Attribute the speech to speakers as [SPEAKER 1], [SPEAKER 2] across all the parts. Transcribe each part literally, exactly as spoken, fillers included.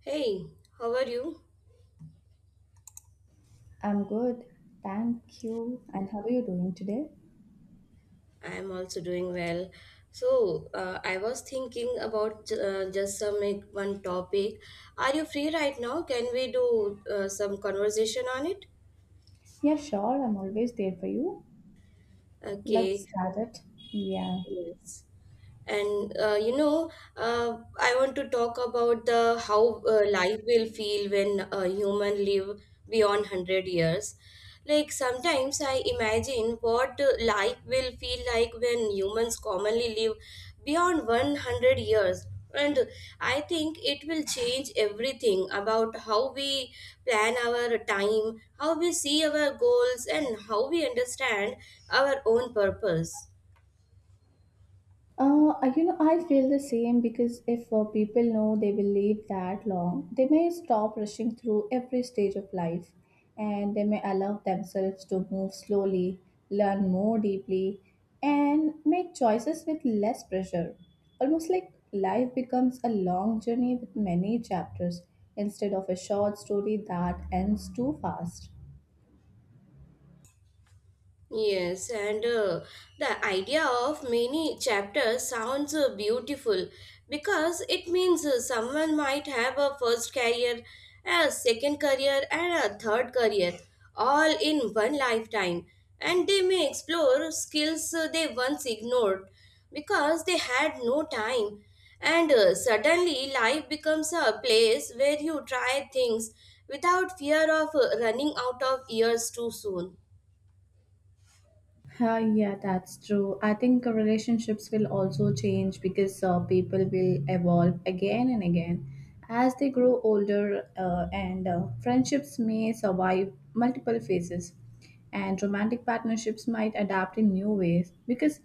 [SPEAKER 1] Hey, how are you?
[SPEAKER 2] I'm good, thank you. And how are you doing today?
[SPEAKER 1] I am also doing well. So, uh, I was thinking about uh, just some like, one topic. Are you free right now? Can we do uh, some conversation on it?
[SPEAKER 2] Yeah, sure, I'm always there for you. Let's
[SPEAKER 1] Okay.
[SPEAKER 2] start it. Yeah.
[SPEAKER 1] Yes. and uh, you know uh, i want to talk about the how uh, life will feel when a human live beyond one hundred years. Like sometimes I imagine what uh, life will feel like when humans commonly live beyond one hundred years. And I think it will change everything about how we plan our time, how we see our goals, and how we understand our own purpose.
[SPEAKER 2] Uh, you know, I feel the same because if uh, people know they will live that long, they may stop rushing through every stage of life and they may allow themselves to move slowly, learn more deeply, and make choices with less pressure. Almost like life becomes a long journey with many chapters instead of a short story that ends too fast.
[SPEAKER 1] Yes, and uh, the idea of many chapters sounds uh, beautiful because it means uh, someone might have a first career, a second career, and a third career all in one lifetime. And they may explore skills uh, they once ignored because they had no time. And uh, suddenly, life becomes a place where you try things without fear of uh, running out of years too soon.
[SPEAKER 2] Uh, yeah, that's true. I think uh, relationships will also change because uh, people will evolve again and again. As they grow older, uh, and uh, friendships may survive multiple phases, and romantic partnerships might adapt in new ways because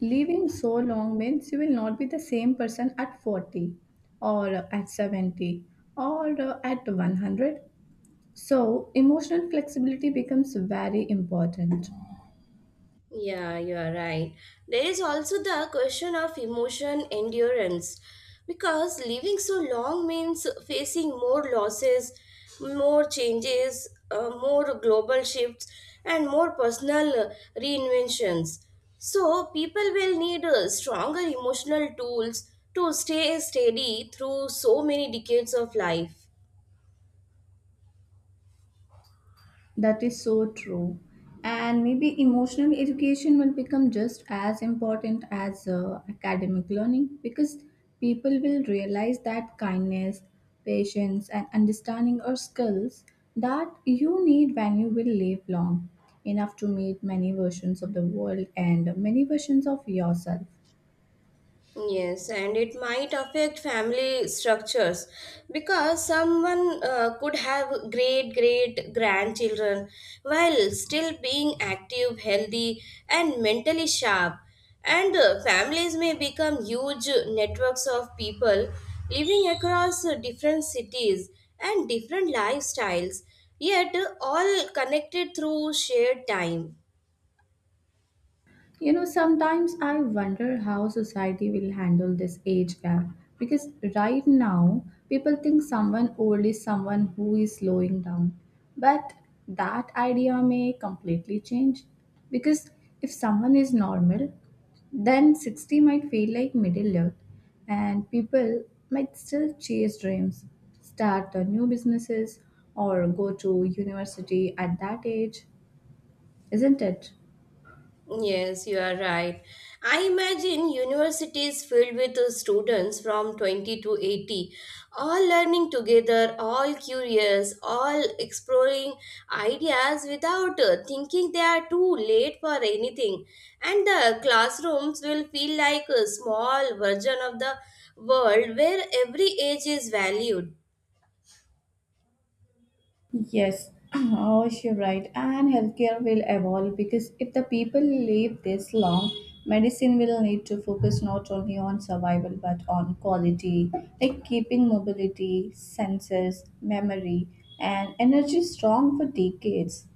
[SPEAKER 2] living so long means you will not be the same person at forty or uh, at seventy or uh, at one hundred. So, emotional flexibility becomes very important.
[SPEAKER 1] Yeah, you are right. There is also the question of emotion endurance because living so long means facing more losses, more changes, uh, more global shifts, and more personal uh, reinventions. So, people will need uh, stronger emotional tools to stay steady through so many decades of life.
[SPEAKER 2] That is so true. And maybe emotional education will become just as important as uh, academic learning because people will realize that kindness, patience, and understanding are skills that you need when you will live long, enough to meet many versions of the world and many versions of yourself.
[SPEAKER 1] Yes, and it might affect family structures because someone uh, could have great great grandchildren while still being active, healthy, and mentally sharp. And uh, families may become huge networks of people living across uh, different cities and different lifestyles, yet uh, all connected through shared time.
[SPEAKER 2] You know, sometimes I wonder how society will handle this age gap because right now people think someone old is someone who is slowing down. But that idea may completely change because if someone is normal, then sixty might feel like middle earth and people might still chase dreams, start uh, new businesses, or go to university at that age, isn't it?
[SPEAKER 1] Yes, you are right. I imagine universities filled with uh, students from twenty to eighty, all learning together, all curious, all exploring ideas without uh, thinking they are too late for anything. And the classrooms will feel like a small version of the world where every age is valued.
[SPEAKER 2] Yes, oh, you're right. And healthcare will evolve because if the people live this long, medicine will need to focus not only on survival but on quality, like keeping mobility, senses, memory, and energy strong for decades.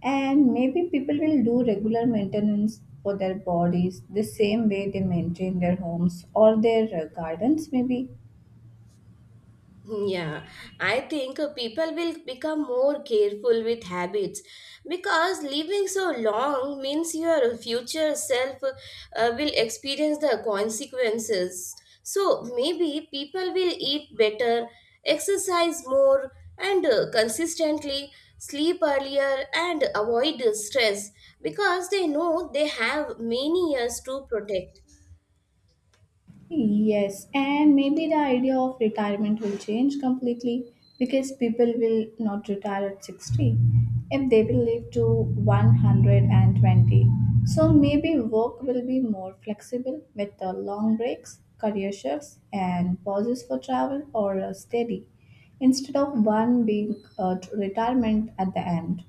[SPEAKER 2] And maybe people will do regular maintenance for their bodies the same way they maintain their homes or their uh, gardens, maybe.
[SPEAKER 1] Yeah, I think uh, people will become more careful with habits because living so long means your future self uh, will experience the consequences. So maybe people will eat better, exercise more, and uh, consistently sleep earlier and avoid stress because they know they have many years to protect.
[SPEAKER 2] Yes, and maybe the idea of retirement will change completely because people will not retire at sixty if they will live to one hundred twenty. So maybe work will be more flexible with the long breaks, career shifts, and pauses for travel or a steady instead of one big uh, retirement at the end.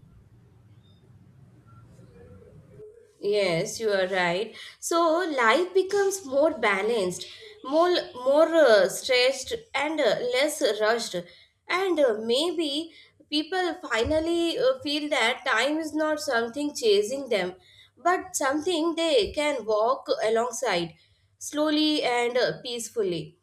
[SPEAKER 1] Yes, you are right. So life becomes more balanced, more more uh, stretched and uh, less rushed. And uh, maybe people finally uh, feel that time is not something chasing them, but something they can walk alongside slowly and uh, peacefully.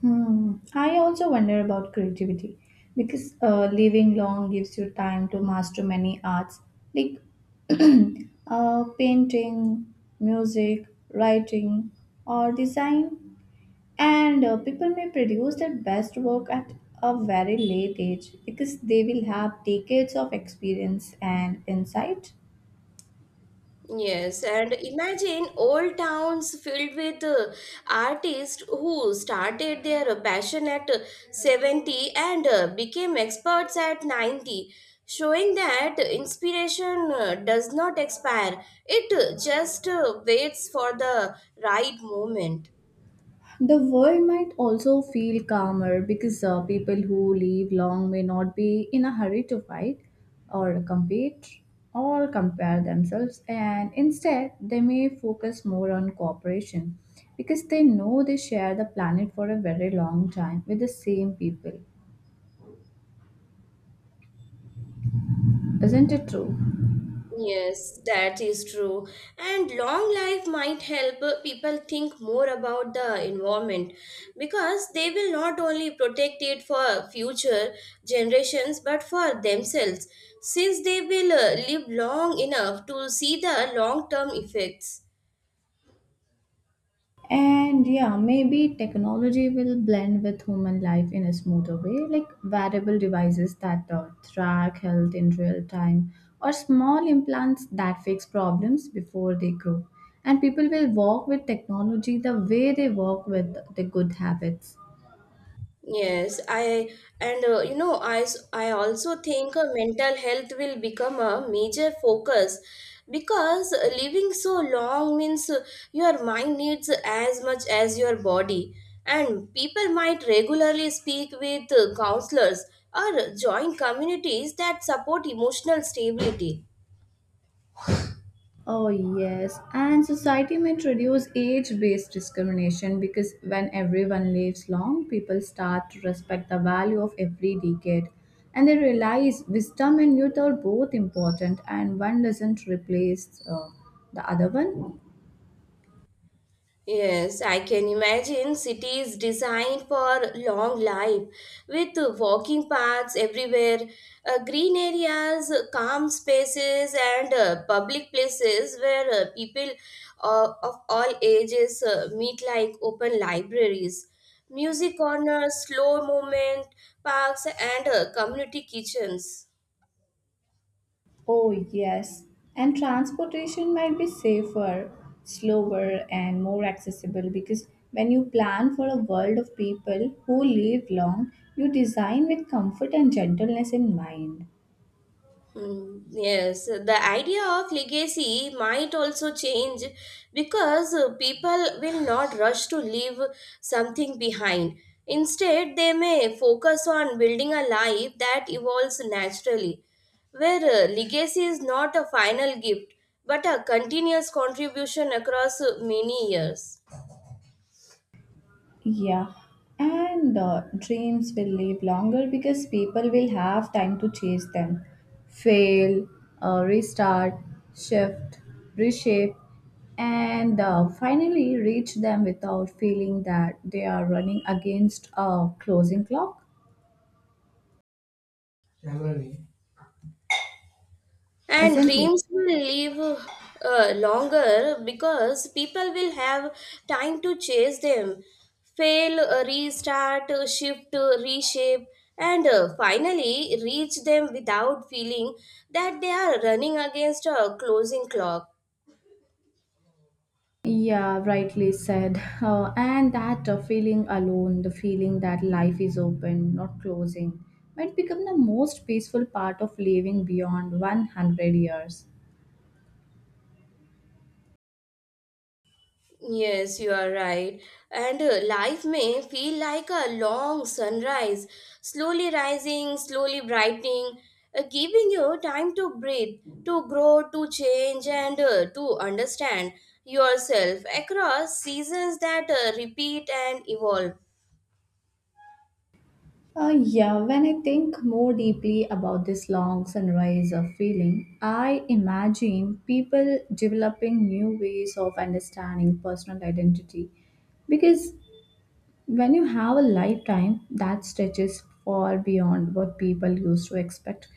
[SPEAKER 2] Hmm. I also wonder about creativity because uh, living long gives you time to master many arts like uh, painting, music, writing, or design. And uh, people may produce their best work at a very late age because they will have decades of experience and insight.
[SPEAKER 1] Yes, and imagine old towns filled with uh, artists who started their passion at uh, seventy and uh, became experts at ninety, showing that inspiration uh, does not expire, it uh, just uh, waits for the right moment.
[SPEAKER 2] The world might also feel calmer because uh, people who live long may not be in a hurry to fight or compete or compare themselves, and instead they may focus more on cooperation because they know they share the planet for a very long time with the same people. Isn't it true?
[SPEAKER 1] Yes, that is true. And long life might help uh, people think more about the environment because they will not only protect it for future generations but for themselves, since they will uh, live long enough to see the long term effects.
[SPEAKER 2] And yeah, maybe technology will blend with human life in a smoother way, like wearable devices that uh, track health in real time or small implants that fix problems before they grow. And people will walk with technology the way they walk with the good habits.
[SPEAKER 1] Yes, I and uh, you know I s- I also think uh, mental health will become a major focus because uh, living so long means uh, your mind needs as much as your body, and people might regularly speak with uh, counselors or join communities that support emotional stability.
[SPEAKER 2] Oh, yes. And society might reduce age based discrimination because when everyone lives long, people start to respect the value of every decade. And they realize wisdom and youth are both important, and one doesn't replace uh, the other one.
[SPEAKER 1] Yes, I can imagine cities designed for long life with walking paths everywhere, uh, green areas, calm spaces, and uh, public places where uh, people uh, of all ages uh, meet, like open libraries, music corners, slow movement parks, and uh, community kitchens.
[SPEAKER 2] Oh, yes. And transportation might be safer, slower, and more accessible because when you plan for a world of people who live long, you design with comfort and gentleness in mind.
[SPEAKER 1] Mm, yes, the idea of legacy might also change because uh, people will not rush to leave something behind. Instead, they may focus on building a life that evolves naturally, where uh, legacy is not a final gift but a continuous contribution across uh, many years.
[SPEAKER 2] Yeah, and uh, dreams will live longer because people will have time to chase them, fail, uh, restart, shift, reshape, and uh, finally reach them without feeling that they are running against a closing clock,
[SPEAKER 1] And
[SPEAKER 2] isn't it?
[SPEAKER 1] dreams will live uh, longer because people will have time to chase them, fail, uh, restart, uh, shift, uh, reshape, and uh, finally reach them without feeling that they are running against a closing clock.
[SPEAKER 2] Yeah, rightly said. Uh, and that uh, feeling alone, the feeling that life is open, not closing, might become the most peaceful part of living beyond one hundred years.
[SPEAKER 1] Yes, you are right. And uh, life may feel like a long sunrise, slowly rising, slowly brightening, uh, giving you time to breathe, to grow, to change, and uh, to understand yourself across seasons that uh, repeat and evolve.
[SPEAKER 2] Uh, yeah, when I think more deeply about this long sunrise of feeling, I imagine people developing new ways of understanding personal identity because when you have a lifetime that stretches far beyond what people used to expect,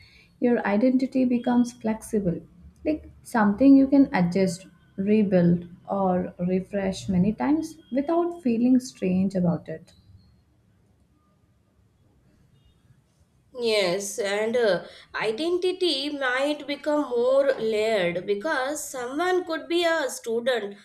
[SPEAKER 2] your identity becomes flexible, like something you can adjust, rebuild, or refresh many times without feeling strange about it.
[SPEAKER 1] Yes, and uh, identity might become more layered because someone could be a student,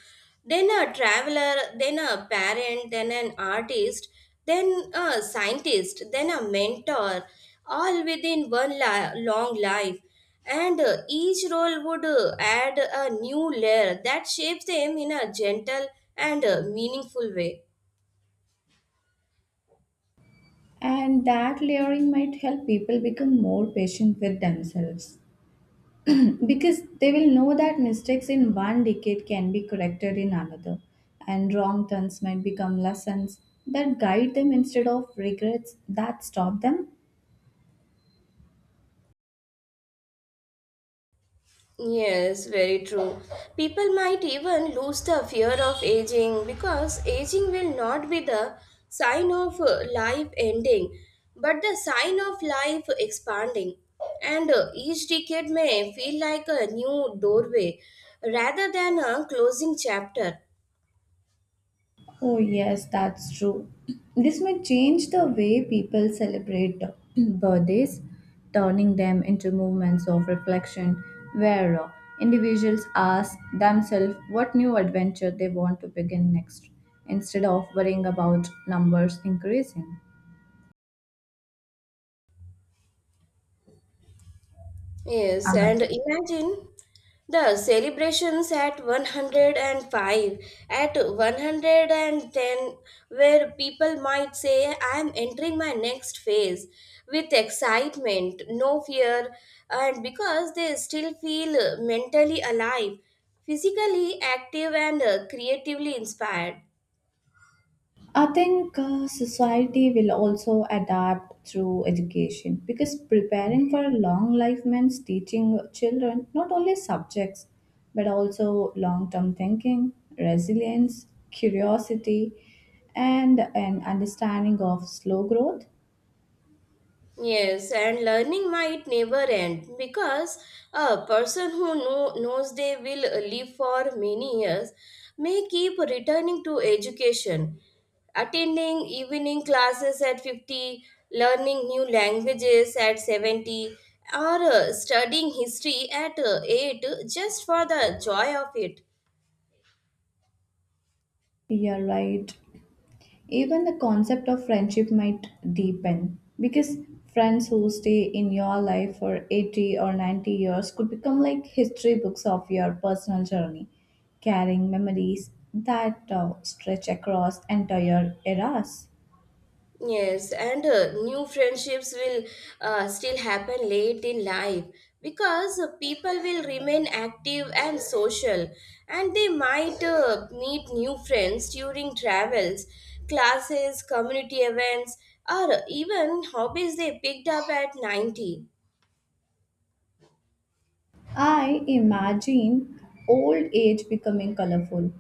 [SPEAKER 1] then a traveler, then a parent, then an artist, then a scientist, then a mentor, all within one li- long life. And uh, each role would uh, add a new layer that shapes them in a gentle and uh, meaningful way.
[SPEAKER 2] And that layering might help people become more patient with themselves, because they will know that mistakes in one decade can be corrected in another, and wrong turns might become lessons that guide them instead of regrets that stop them.
[SPEAKER 1] Yes, very true. People might even lose the fear of aging because aging will not be the sign of uh, life ending, but the sign of life expanding. And uh, each decade may feel like a new doorway rather than a closing chapter.
[SPEAKER 2] Oh yes, that's true. This may change the way people celebrate uh, birthdays, turning them into moments of reflection where uh, individuals ask themselves what new adventure they want to begin next instead of worrying about numbers increasing.
[SPEAKER 1] Yes,
[SPEAKER 2] Amen.
[SPEAKER 1] and imagine the celebrations at one hundred five, at one hundred ten, where people might say, I am entering my next phase with excitement, no fear, and because they still feel mentally alive, physically active, and uh, creatively inspired.
[SPEAKER 2] I think uh, society will also adapt through education because preparing for long life means teaching children not only subjects but also long term thinking, resilience, curiosity, and an understanding of slow growth.
[SPEAKER 1] Yes, and learning might never end because a person who know, knows they will live for many years may keep returning to education, attending evening classes at fifty, learning new languages at seventy, or uh, studying history at uh, eight just for the joy of it.
[SPEAKER 2] You're right. Even the concept of friendship might deepen because friends who stay in your life for eighty or ninety years could become like history books of your personal journey, carrying memories that uh, stretch across entire eras.
[SPEAKER 1] Yes, and uh, new friendships will uh, still happen late in life because uh, people will remain active and social, and they might uh, meet new friends during travels, classes, community events, or even hobbies they picked up at ninety.
[SPEAKER 2] I imagine old age becoming colorful,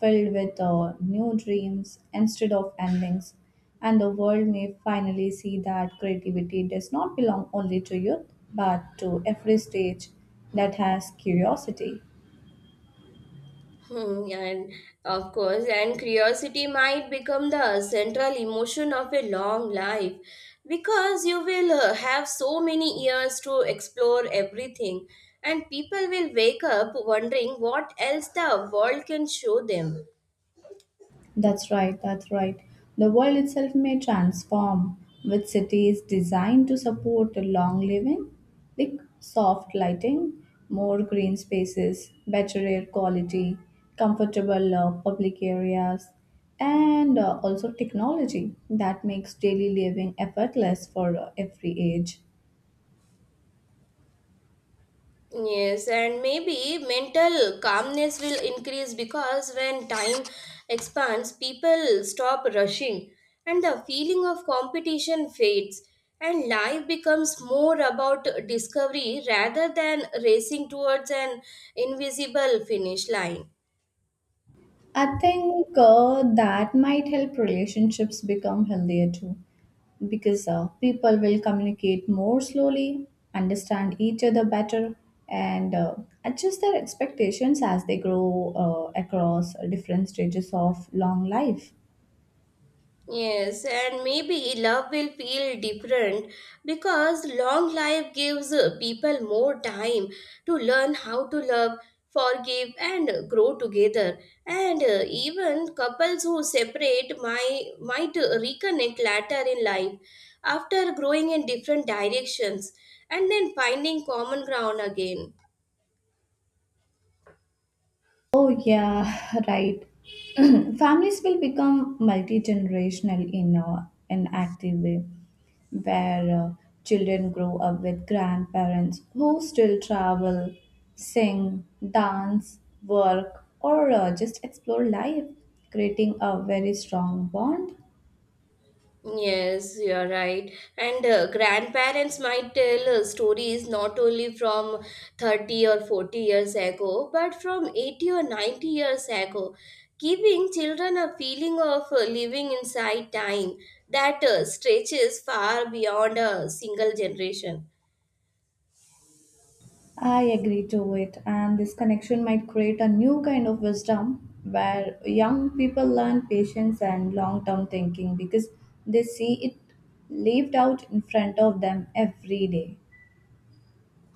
[SPEAKER 2] filled with uh, new dreams instead of endings, and the world may finally see that creativity does not belong only to youth but to every stage that has curiosity.
[SPEAKER 1] Hmm, and of course, and curiosity might become the central emotion of a long life because you will uh, have so many years to explore everything, and people will wake up wondering what else the world can show them.
[SPEAKER 2] That's right, that's right. The world itself may transform with cities designed to support long living, like soft lighting, more green spaces, better air quality, comfortable uh, public areas, and uh, also technology that makes daily living effortless for uh, every age.
[SPEAKER 1] Yes, and maybe mental calmness will increase because when time expands, people stop rushing and the feeling of competition fades, and life becomes more about discovery rather than racing towards an invisible finish line.
[SPEAKER 2] I think uh, that might help relationships become healthier too, because uh, people will communicate more slowly, understand each other better, and uh, adjust their expectations as they grow uh, across different stages of long life.
[SPEAKER 1] Yes, and maybe love will feel different because long life gives uh, people more time to learn how to love, forgive, and uh, grow together. And uh, even couples who separate might, might uh, reconnect later in life after growing in different directions and then finding common ground again.
[SPEAKER 2] Oh, yeah, right. Families will become multi generational in a, an active way, where uh, children grow up with grandparents who still travel, sing, dance, work, or uh, just explore life, creating a very strong bond.
[SPEAKER 1] Yes, you are right. And uh, grandparents might tell uh, stories not only from thirty or forty years ago, but from eighty or ninety years ago, giving children a feeling of uh, living inside time that uh, stretches far beyond a single generation.
[SPEAKER 2] I agree to it, and this connection might create a new kind of wisdom where young people learn patience and long term thinking because they see it lived out in front of them every day.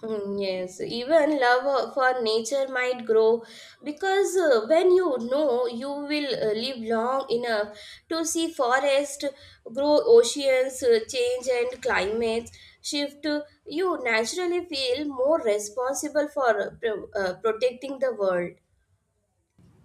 [SPEAKER 1] Hmm, yes, even love uh, for nature might grow because uh, when you know you will uh, live long enough to see forest grow, oceans uh, change, and climates shift, uh, you naturally feel more responsible for uh, pro- uh, protecting the world.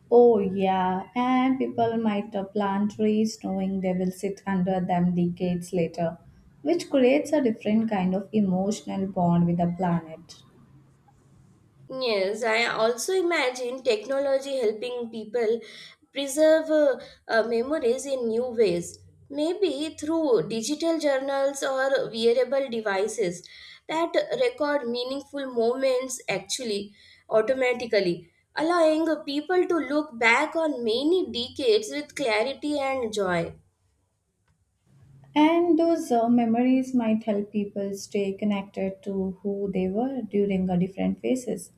[SPEAKER 2] Oh, yeah, and people might uh, plant trees knowing they will sit under them decades later, which creates a different kind of emotional bond with the planet.
[SPEAKER 1] Yes, I also imagine technology helping people preserve uh, uh, memories in new ways, maybe through digital journals or wearable devices that record meaningful moments actually automatically, allowing people to look back on many decades with clarity and joy.
[SPEAKER 2] And those uh, memories might help people stay connected to who they were during a different phases.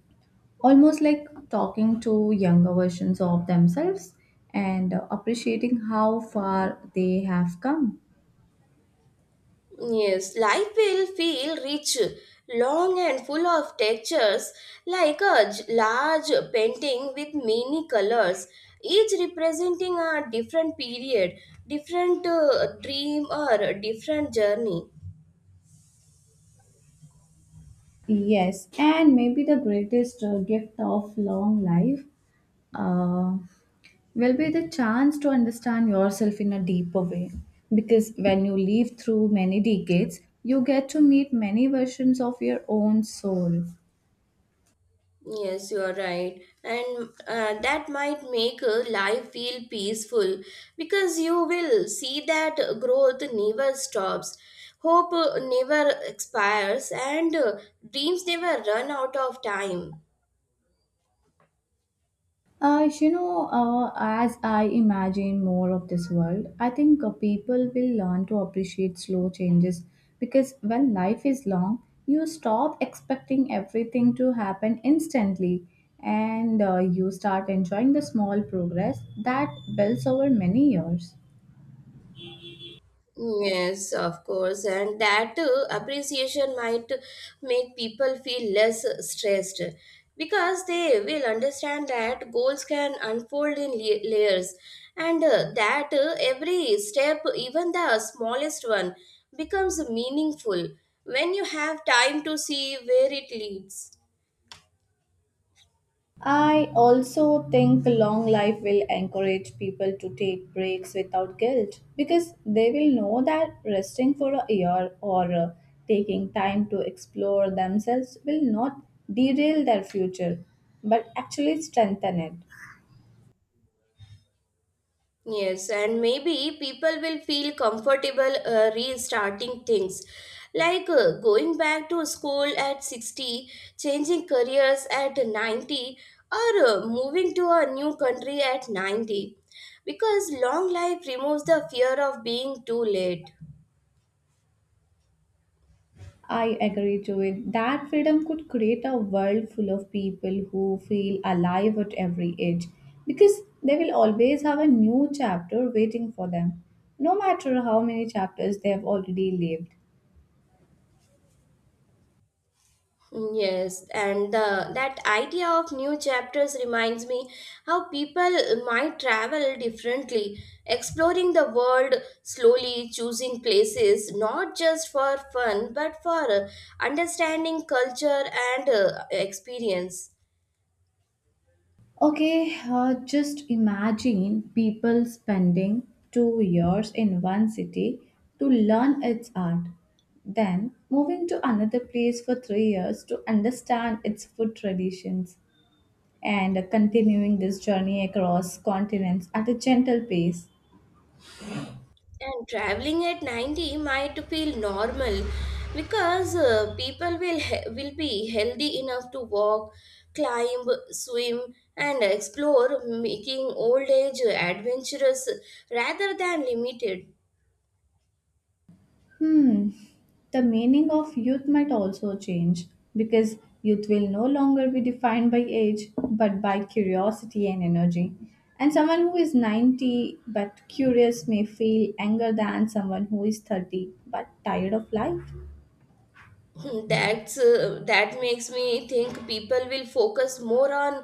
[SPEAKER 2] Almost like talking to younger versions of themselves and uh, appreciating how far they have come.
[SPEAKER 1] Yes, life will feel rich, long and full of textures, like a j- large painting with many colors, each representing a different period, different uh, dream, or a different journey.
[SPEAKER 2] Yes, and maybe the greatest uh, gift of long life uh, will be the chance to understand yourself in a deeper way. Because when you live through many decades, you get to meet many versions of your own soul.
[SPEAKER 1] Yes, you are right. And uh, that might make uh, life feel peaceful because you will see that growth never stops. Hope uh, never expires and uh, dreams never run out of time.
[SPEAKER 2] Uh, you know, uh, as I imagine more of this world, I think uh, people will learn to appreciate slow changes because when life is long, you stop expecting everything to happen instantly and uh, you start enjoying the small progress that builds over many years.
[SPEAKER 1] Yes, of course, and that uh, appreciation might make people feel less stressed because they will understand that goals can unfold in la- layers and uh, that uh, every step, even the smallest one, becomes meaningful when you have time to see where it leads.
[SPEAKER 2] I also think long life will encourage people to take breaks without guilt because they will know that resting for a year or uh, taking time to explore themselves will not derail their future but actually strengthen it.
[SPEAKER 1] Yes, and maybe people will feel comfortable uh, restarting things like uh, going back to school at sixty, changing careers at ninety, or uh, moving to a new country at ninety because long life removes the fear of being too late.
[SPEAKER 2] I agree to it. That freedom could create a world full of people who feel alive at every age because they will always have a new chapter waiting for them, no matter how many chapters they have already lived.
[SPEAKER 1] Yes, and the, that idea of new chapters reminds me how people might travel differently, exploring the world slowly, choosing places not just for fun but for uh, understanding culture and uh, experience.
[SPEAKER 2] Okay, uh, just imagine people spending two years in one city to learn its art, then moving to another place for three years to understand its food traditions and continuing this journey across continents at a gentle pace.
[SPEAKER 1] And traveling at ninety might feel normal because uh, people will he- will be healthy enough to walk, climb, swim and explore, making old age adventurous rather than limited.
[SPEAKER 2] Hmm, the meaning of youth might also change because youth will no longer be defined by age but by curiosity and energy. And someone who is ninety but curious may feel anger than someone who is thirty but tired of life.
[SPEAKER 1] that's uh, that makes me think people will focus more on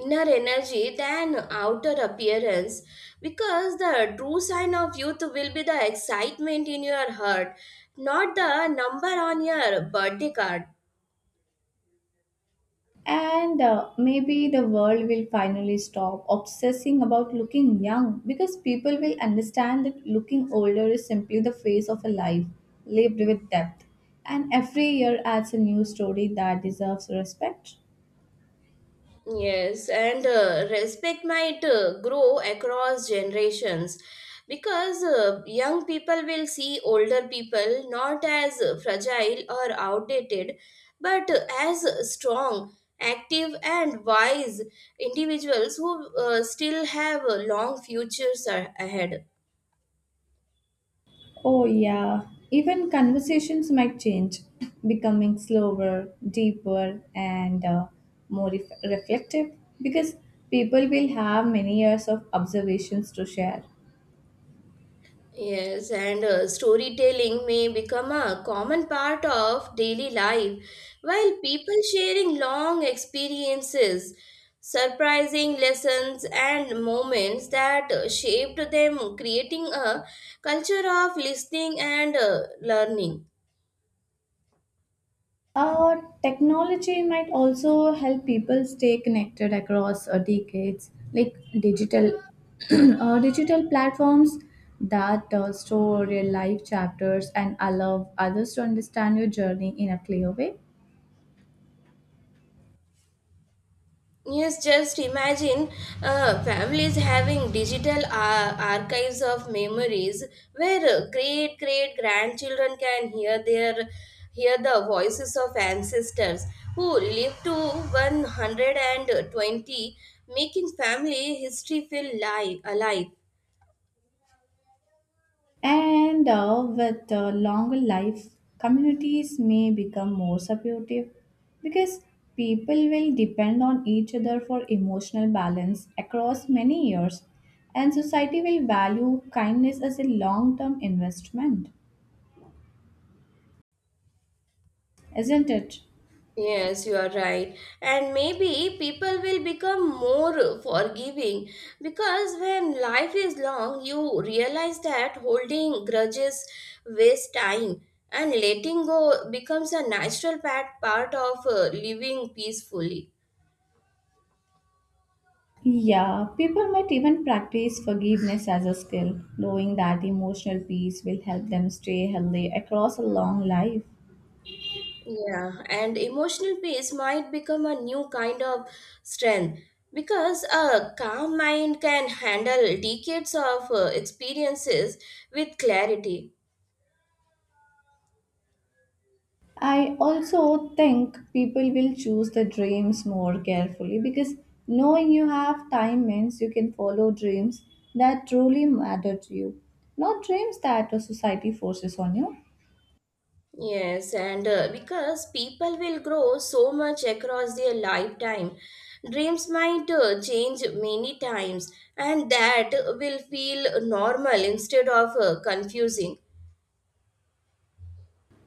[SPEAKER 1] inner energy than outer appearance because the true sign of youth will be the excitement in your heart, not the number on your birthday card.
[SPEAKER 2] And uh, maybe the world will finally stop obsessing about looking young because people will understand that looking older is simply the phase of a life lived with depth. And every year adds a new story that deserves respect.
[SPEAKER 1] Yes, and uh, respect might uh, grow across generations because uh, young people will see older people not as fragile or outdated, but as strong, active, and wise individuals who uh, still have uh, long futures a- ahead.
[SPEAKER 2] Oh, yeah. Even conversations might change, becoming slower, deeper, and uh, more ref- reflective because people will have many years of observations to share.
[SPEAKER 1] Yes, and uh, storytelling may become a common part of daily life, while people sharing long experiences, surprising lessons, and moments that uh, shaped them, creating a culture of listening and uh, learning.
[SPEAKER 2] Uh, Technology might also help people stay connected across uh, decades, like digital uh, digital platforms that uh, store real life chapters and allow others to understand your journey in a clear way.
[SPEAKER 1] Yes, just imagine uh, families having digital uh, archives of memories where uh, great great grandchildren can hear their hear the voices of ancestors who lived to one hundred twenty, making family history feel live, alive.
[SPEAKER 2] And uh, with uh, longer life, communities may become more supportive because people will depend on each other for emotional balance across many years, and society will value kindness as a long term investment, isn't it?
[SPEAKER 1] Yes, you are right. And maybe people will become more forgiving because when life is long, you realize that holding grudges wastes time and letting go becomes a natural part, part of uh, living peacefully.
[SPEAKER 2] Yeah, people might even practice forgiveness as a skill, knowing that emotional peace will help them stay healthy across a long life.
[SPEAKER 1] Yeah, and emotional peace might become a new kind of strength because a calm mind can handle decades of uh, experiences with clarity.
[SPEAKER 2] I also think people will choose the dreams more carefully because knowing you have time means you can follow dreams that truly matter to you, not dreams that the society forces on you.
[SPEAKER 1] Yes, and uh, because people will grow so much across their lifetime, dreams might uh, change many times, and that will feel normal instead of uh, confusing.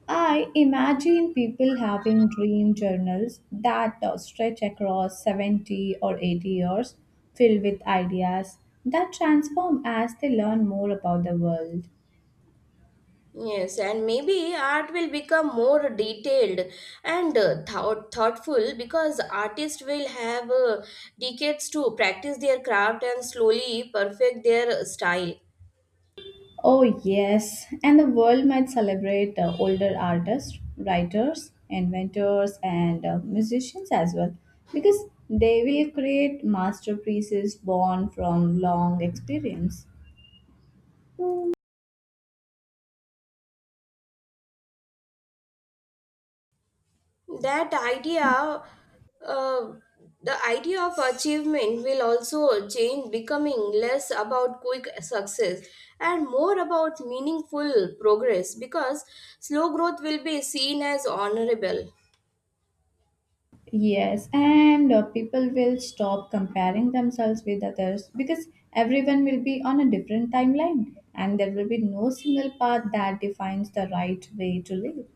[SPEAKER 2] I imagine people having dream journals that uh, stretch across seventy or eighty years, filled with ideas that transform as they learn more about the world.
[SPEAKER 1] Yes, and maybe art will become more detailed and uh, thought, thoughtful because artists will have uh, decades to practice their craft and slowly perfect their style.
[SPEAKER 2] Oh, yes, and the world might celebrate the older artists, writers, inventors, and uh, musicians as well because they will create masterpieces born from long experience.
[SPEAKER 1] That idea uh, the idea of achievement will also change, becoming less about quick success and more about meaningful progress, because slow growth will be seen as honorable.
[SPEAKER 2] Yes, and uh, people will stop comparing themselves with others because everyone will be on a different timeline and there will be no single path that defines the right way to live.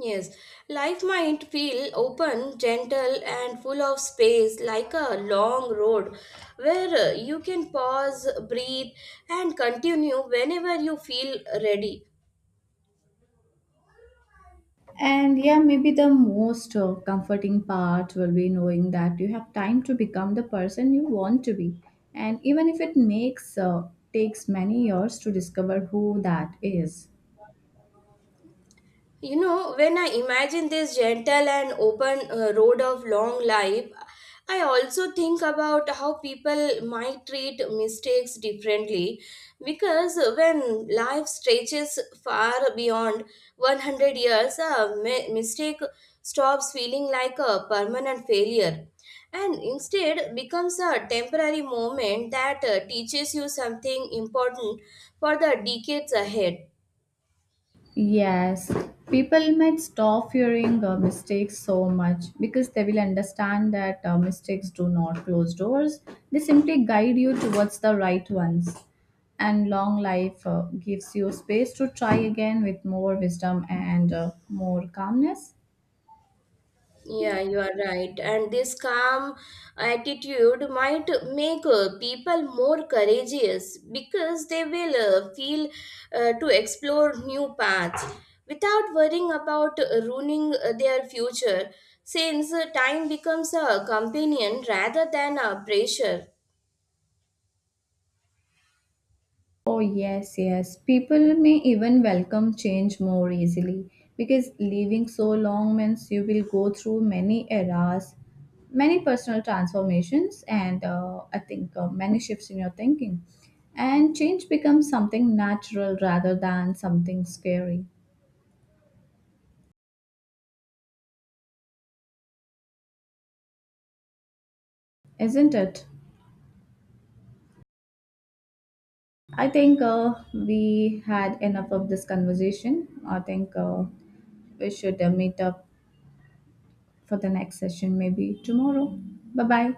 [SPEAKER 1] Yes, life might feel open, gentle and full of space, like a long road where uh, you can pause, breathe and continue whenever you feel ready.
[SPEAKER 2] And yeah, maybe the most uh, comforting part will be knowing that you have time to become the person you want to be. And even if it makes uh, takes many years to discover who that is.
[SPEAKER 1] You know, when I imagine this gentle and open uh, road of long life, I also think about how people might treat mistakes differently, because when life stretches far beyond one hundred years, a mi- mistake stops feeling like a permanent failure and instead becomes a temporary moment that uh, teaches you something important for the decades ahead.
[SPEAKER 2] Yes, people might stop fearing uh, mistakes so much because they will understand that uh, mistakes do not close doors. They simply guide you towards the right ones. And long life uh, gives you space to try again with more wisdom and uh, more calmness.
[SPEAKER 1] Yeah, you are right. And this calm attitude might make uh, people more courageous because they will uh, feel uh, to explore new paths without worrying about uh, ruining uh, their future, since uh, time becomes a companion rather than a pressure.
[SPEAKER 2] Oh, yes, yes. People may even welcome change more easily because living so long means you will go through many eras, many personal transformations, and uh, I think uh, many shifts in your thinking. And change becomes something natural rather than something scary, isn't it? I think uh, we had enough of this conversation. I think uh, we should uh, meet up for the next session maybe tomorrow. Bye bye.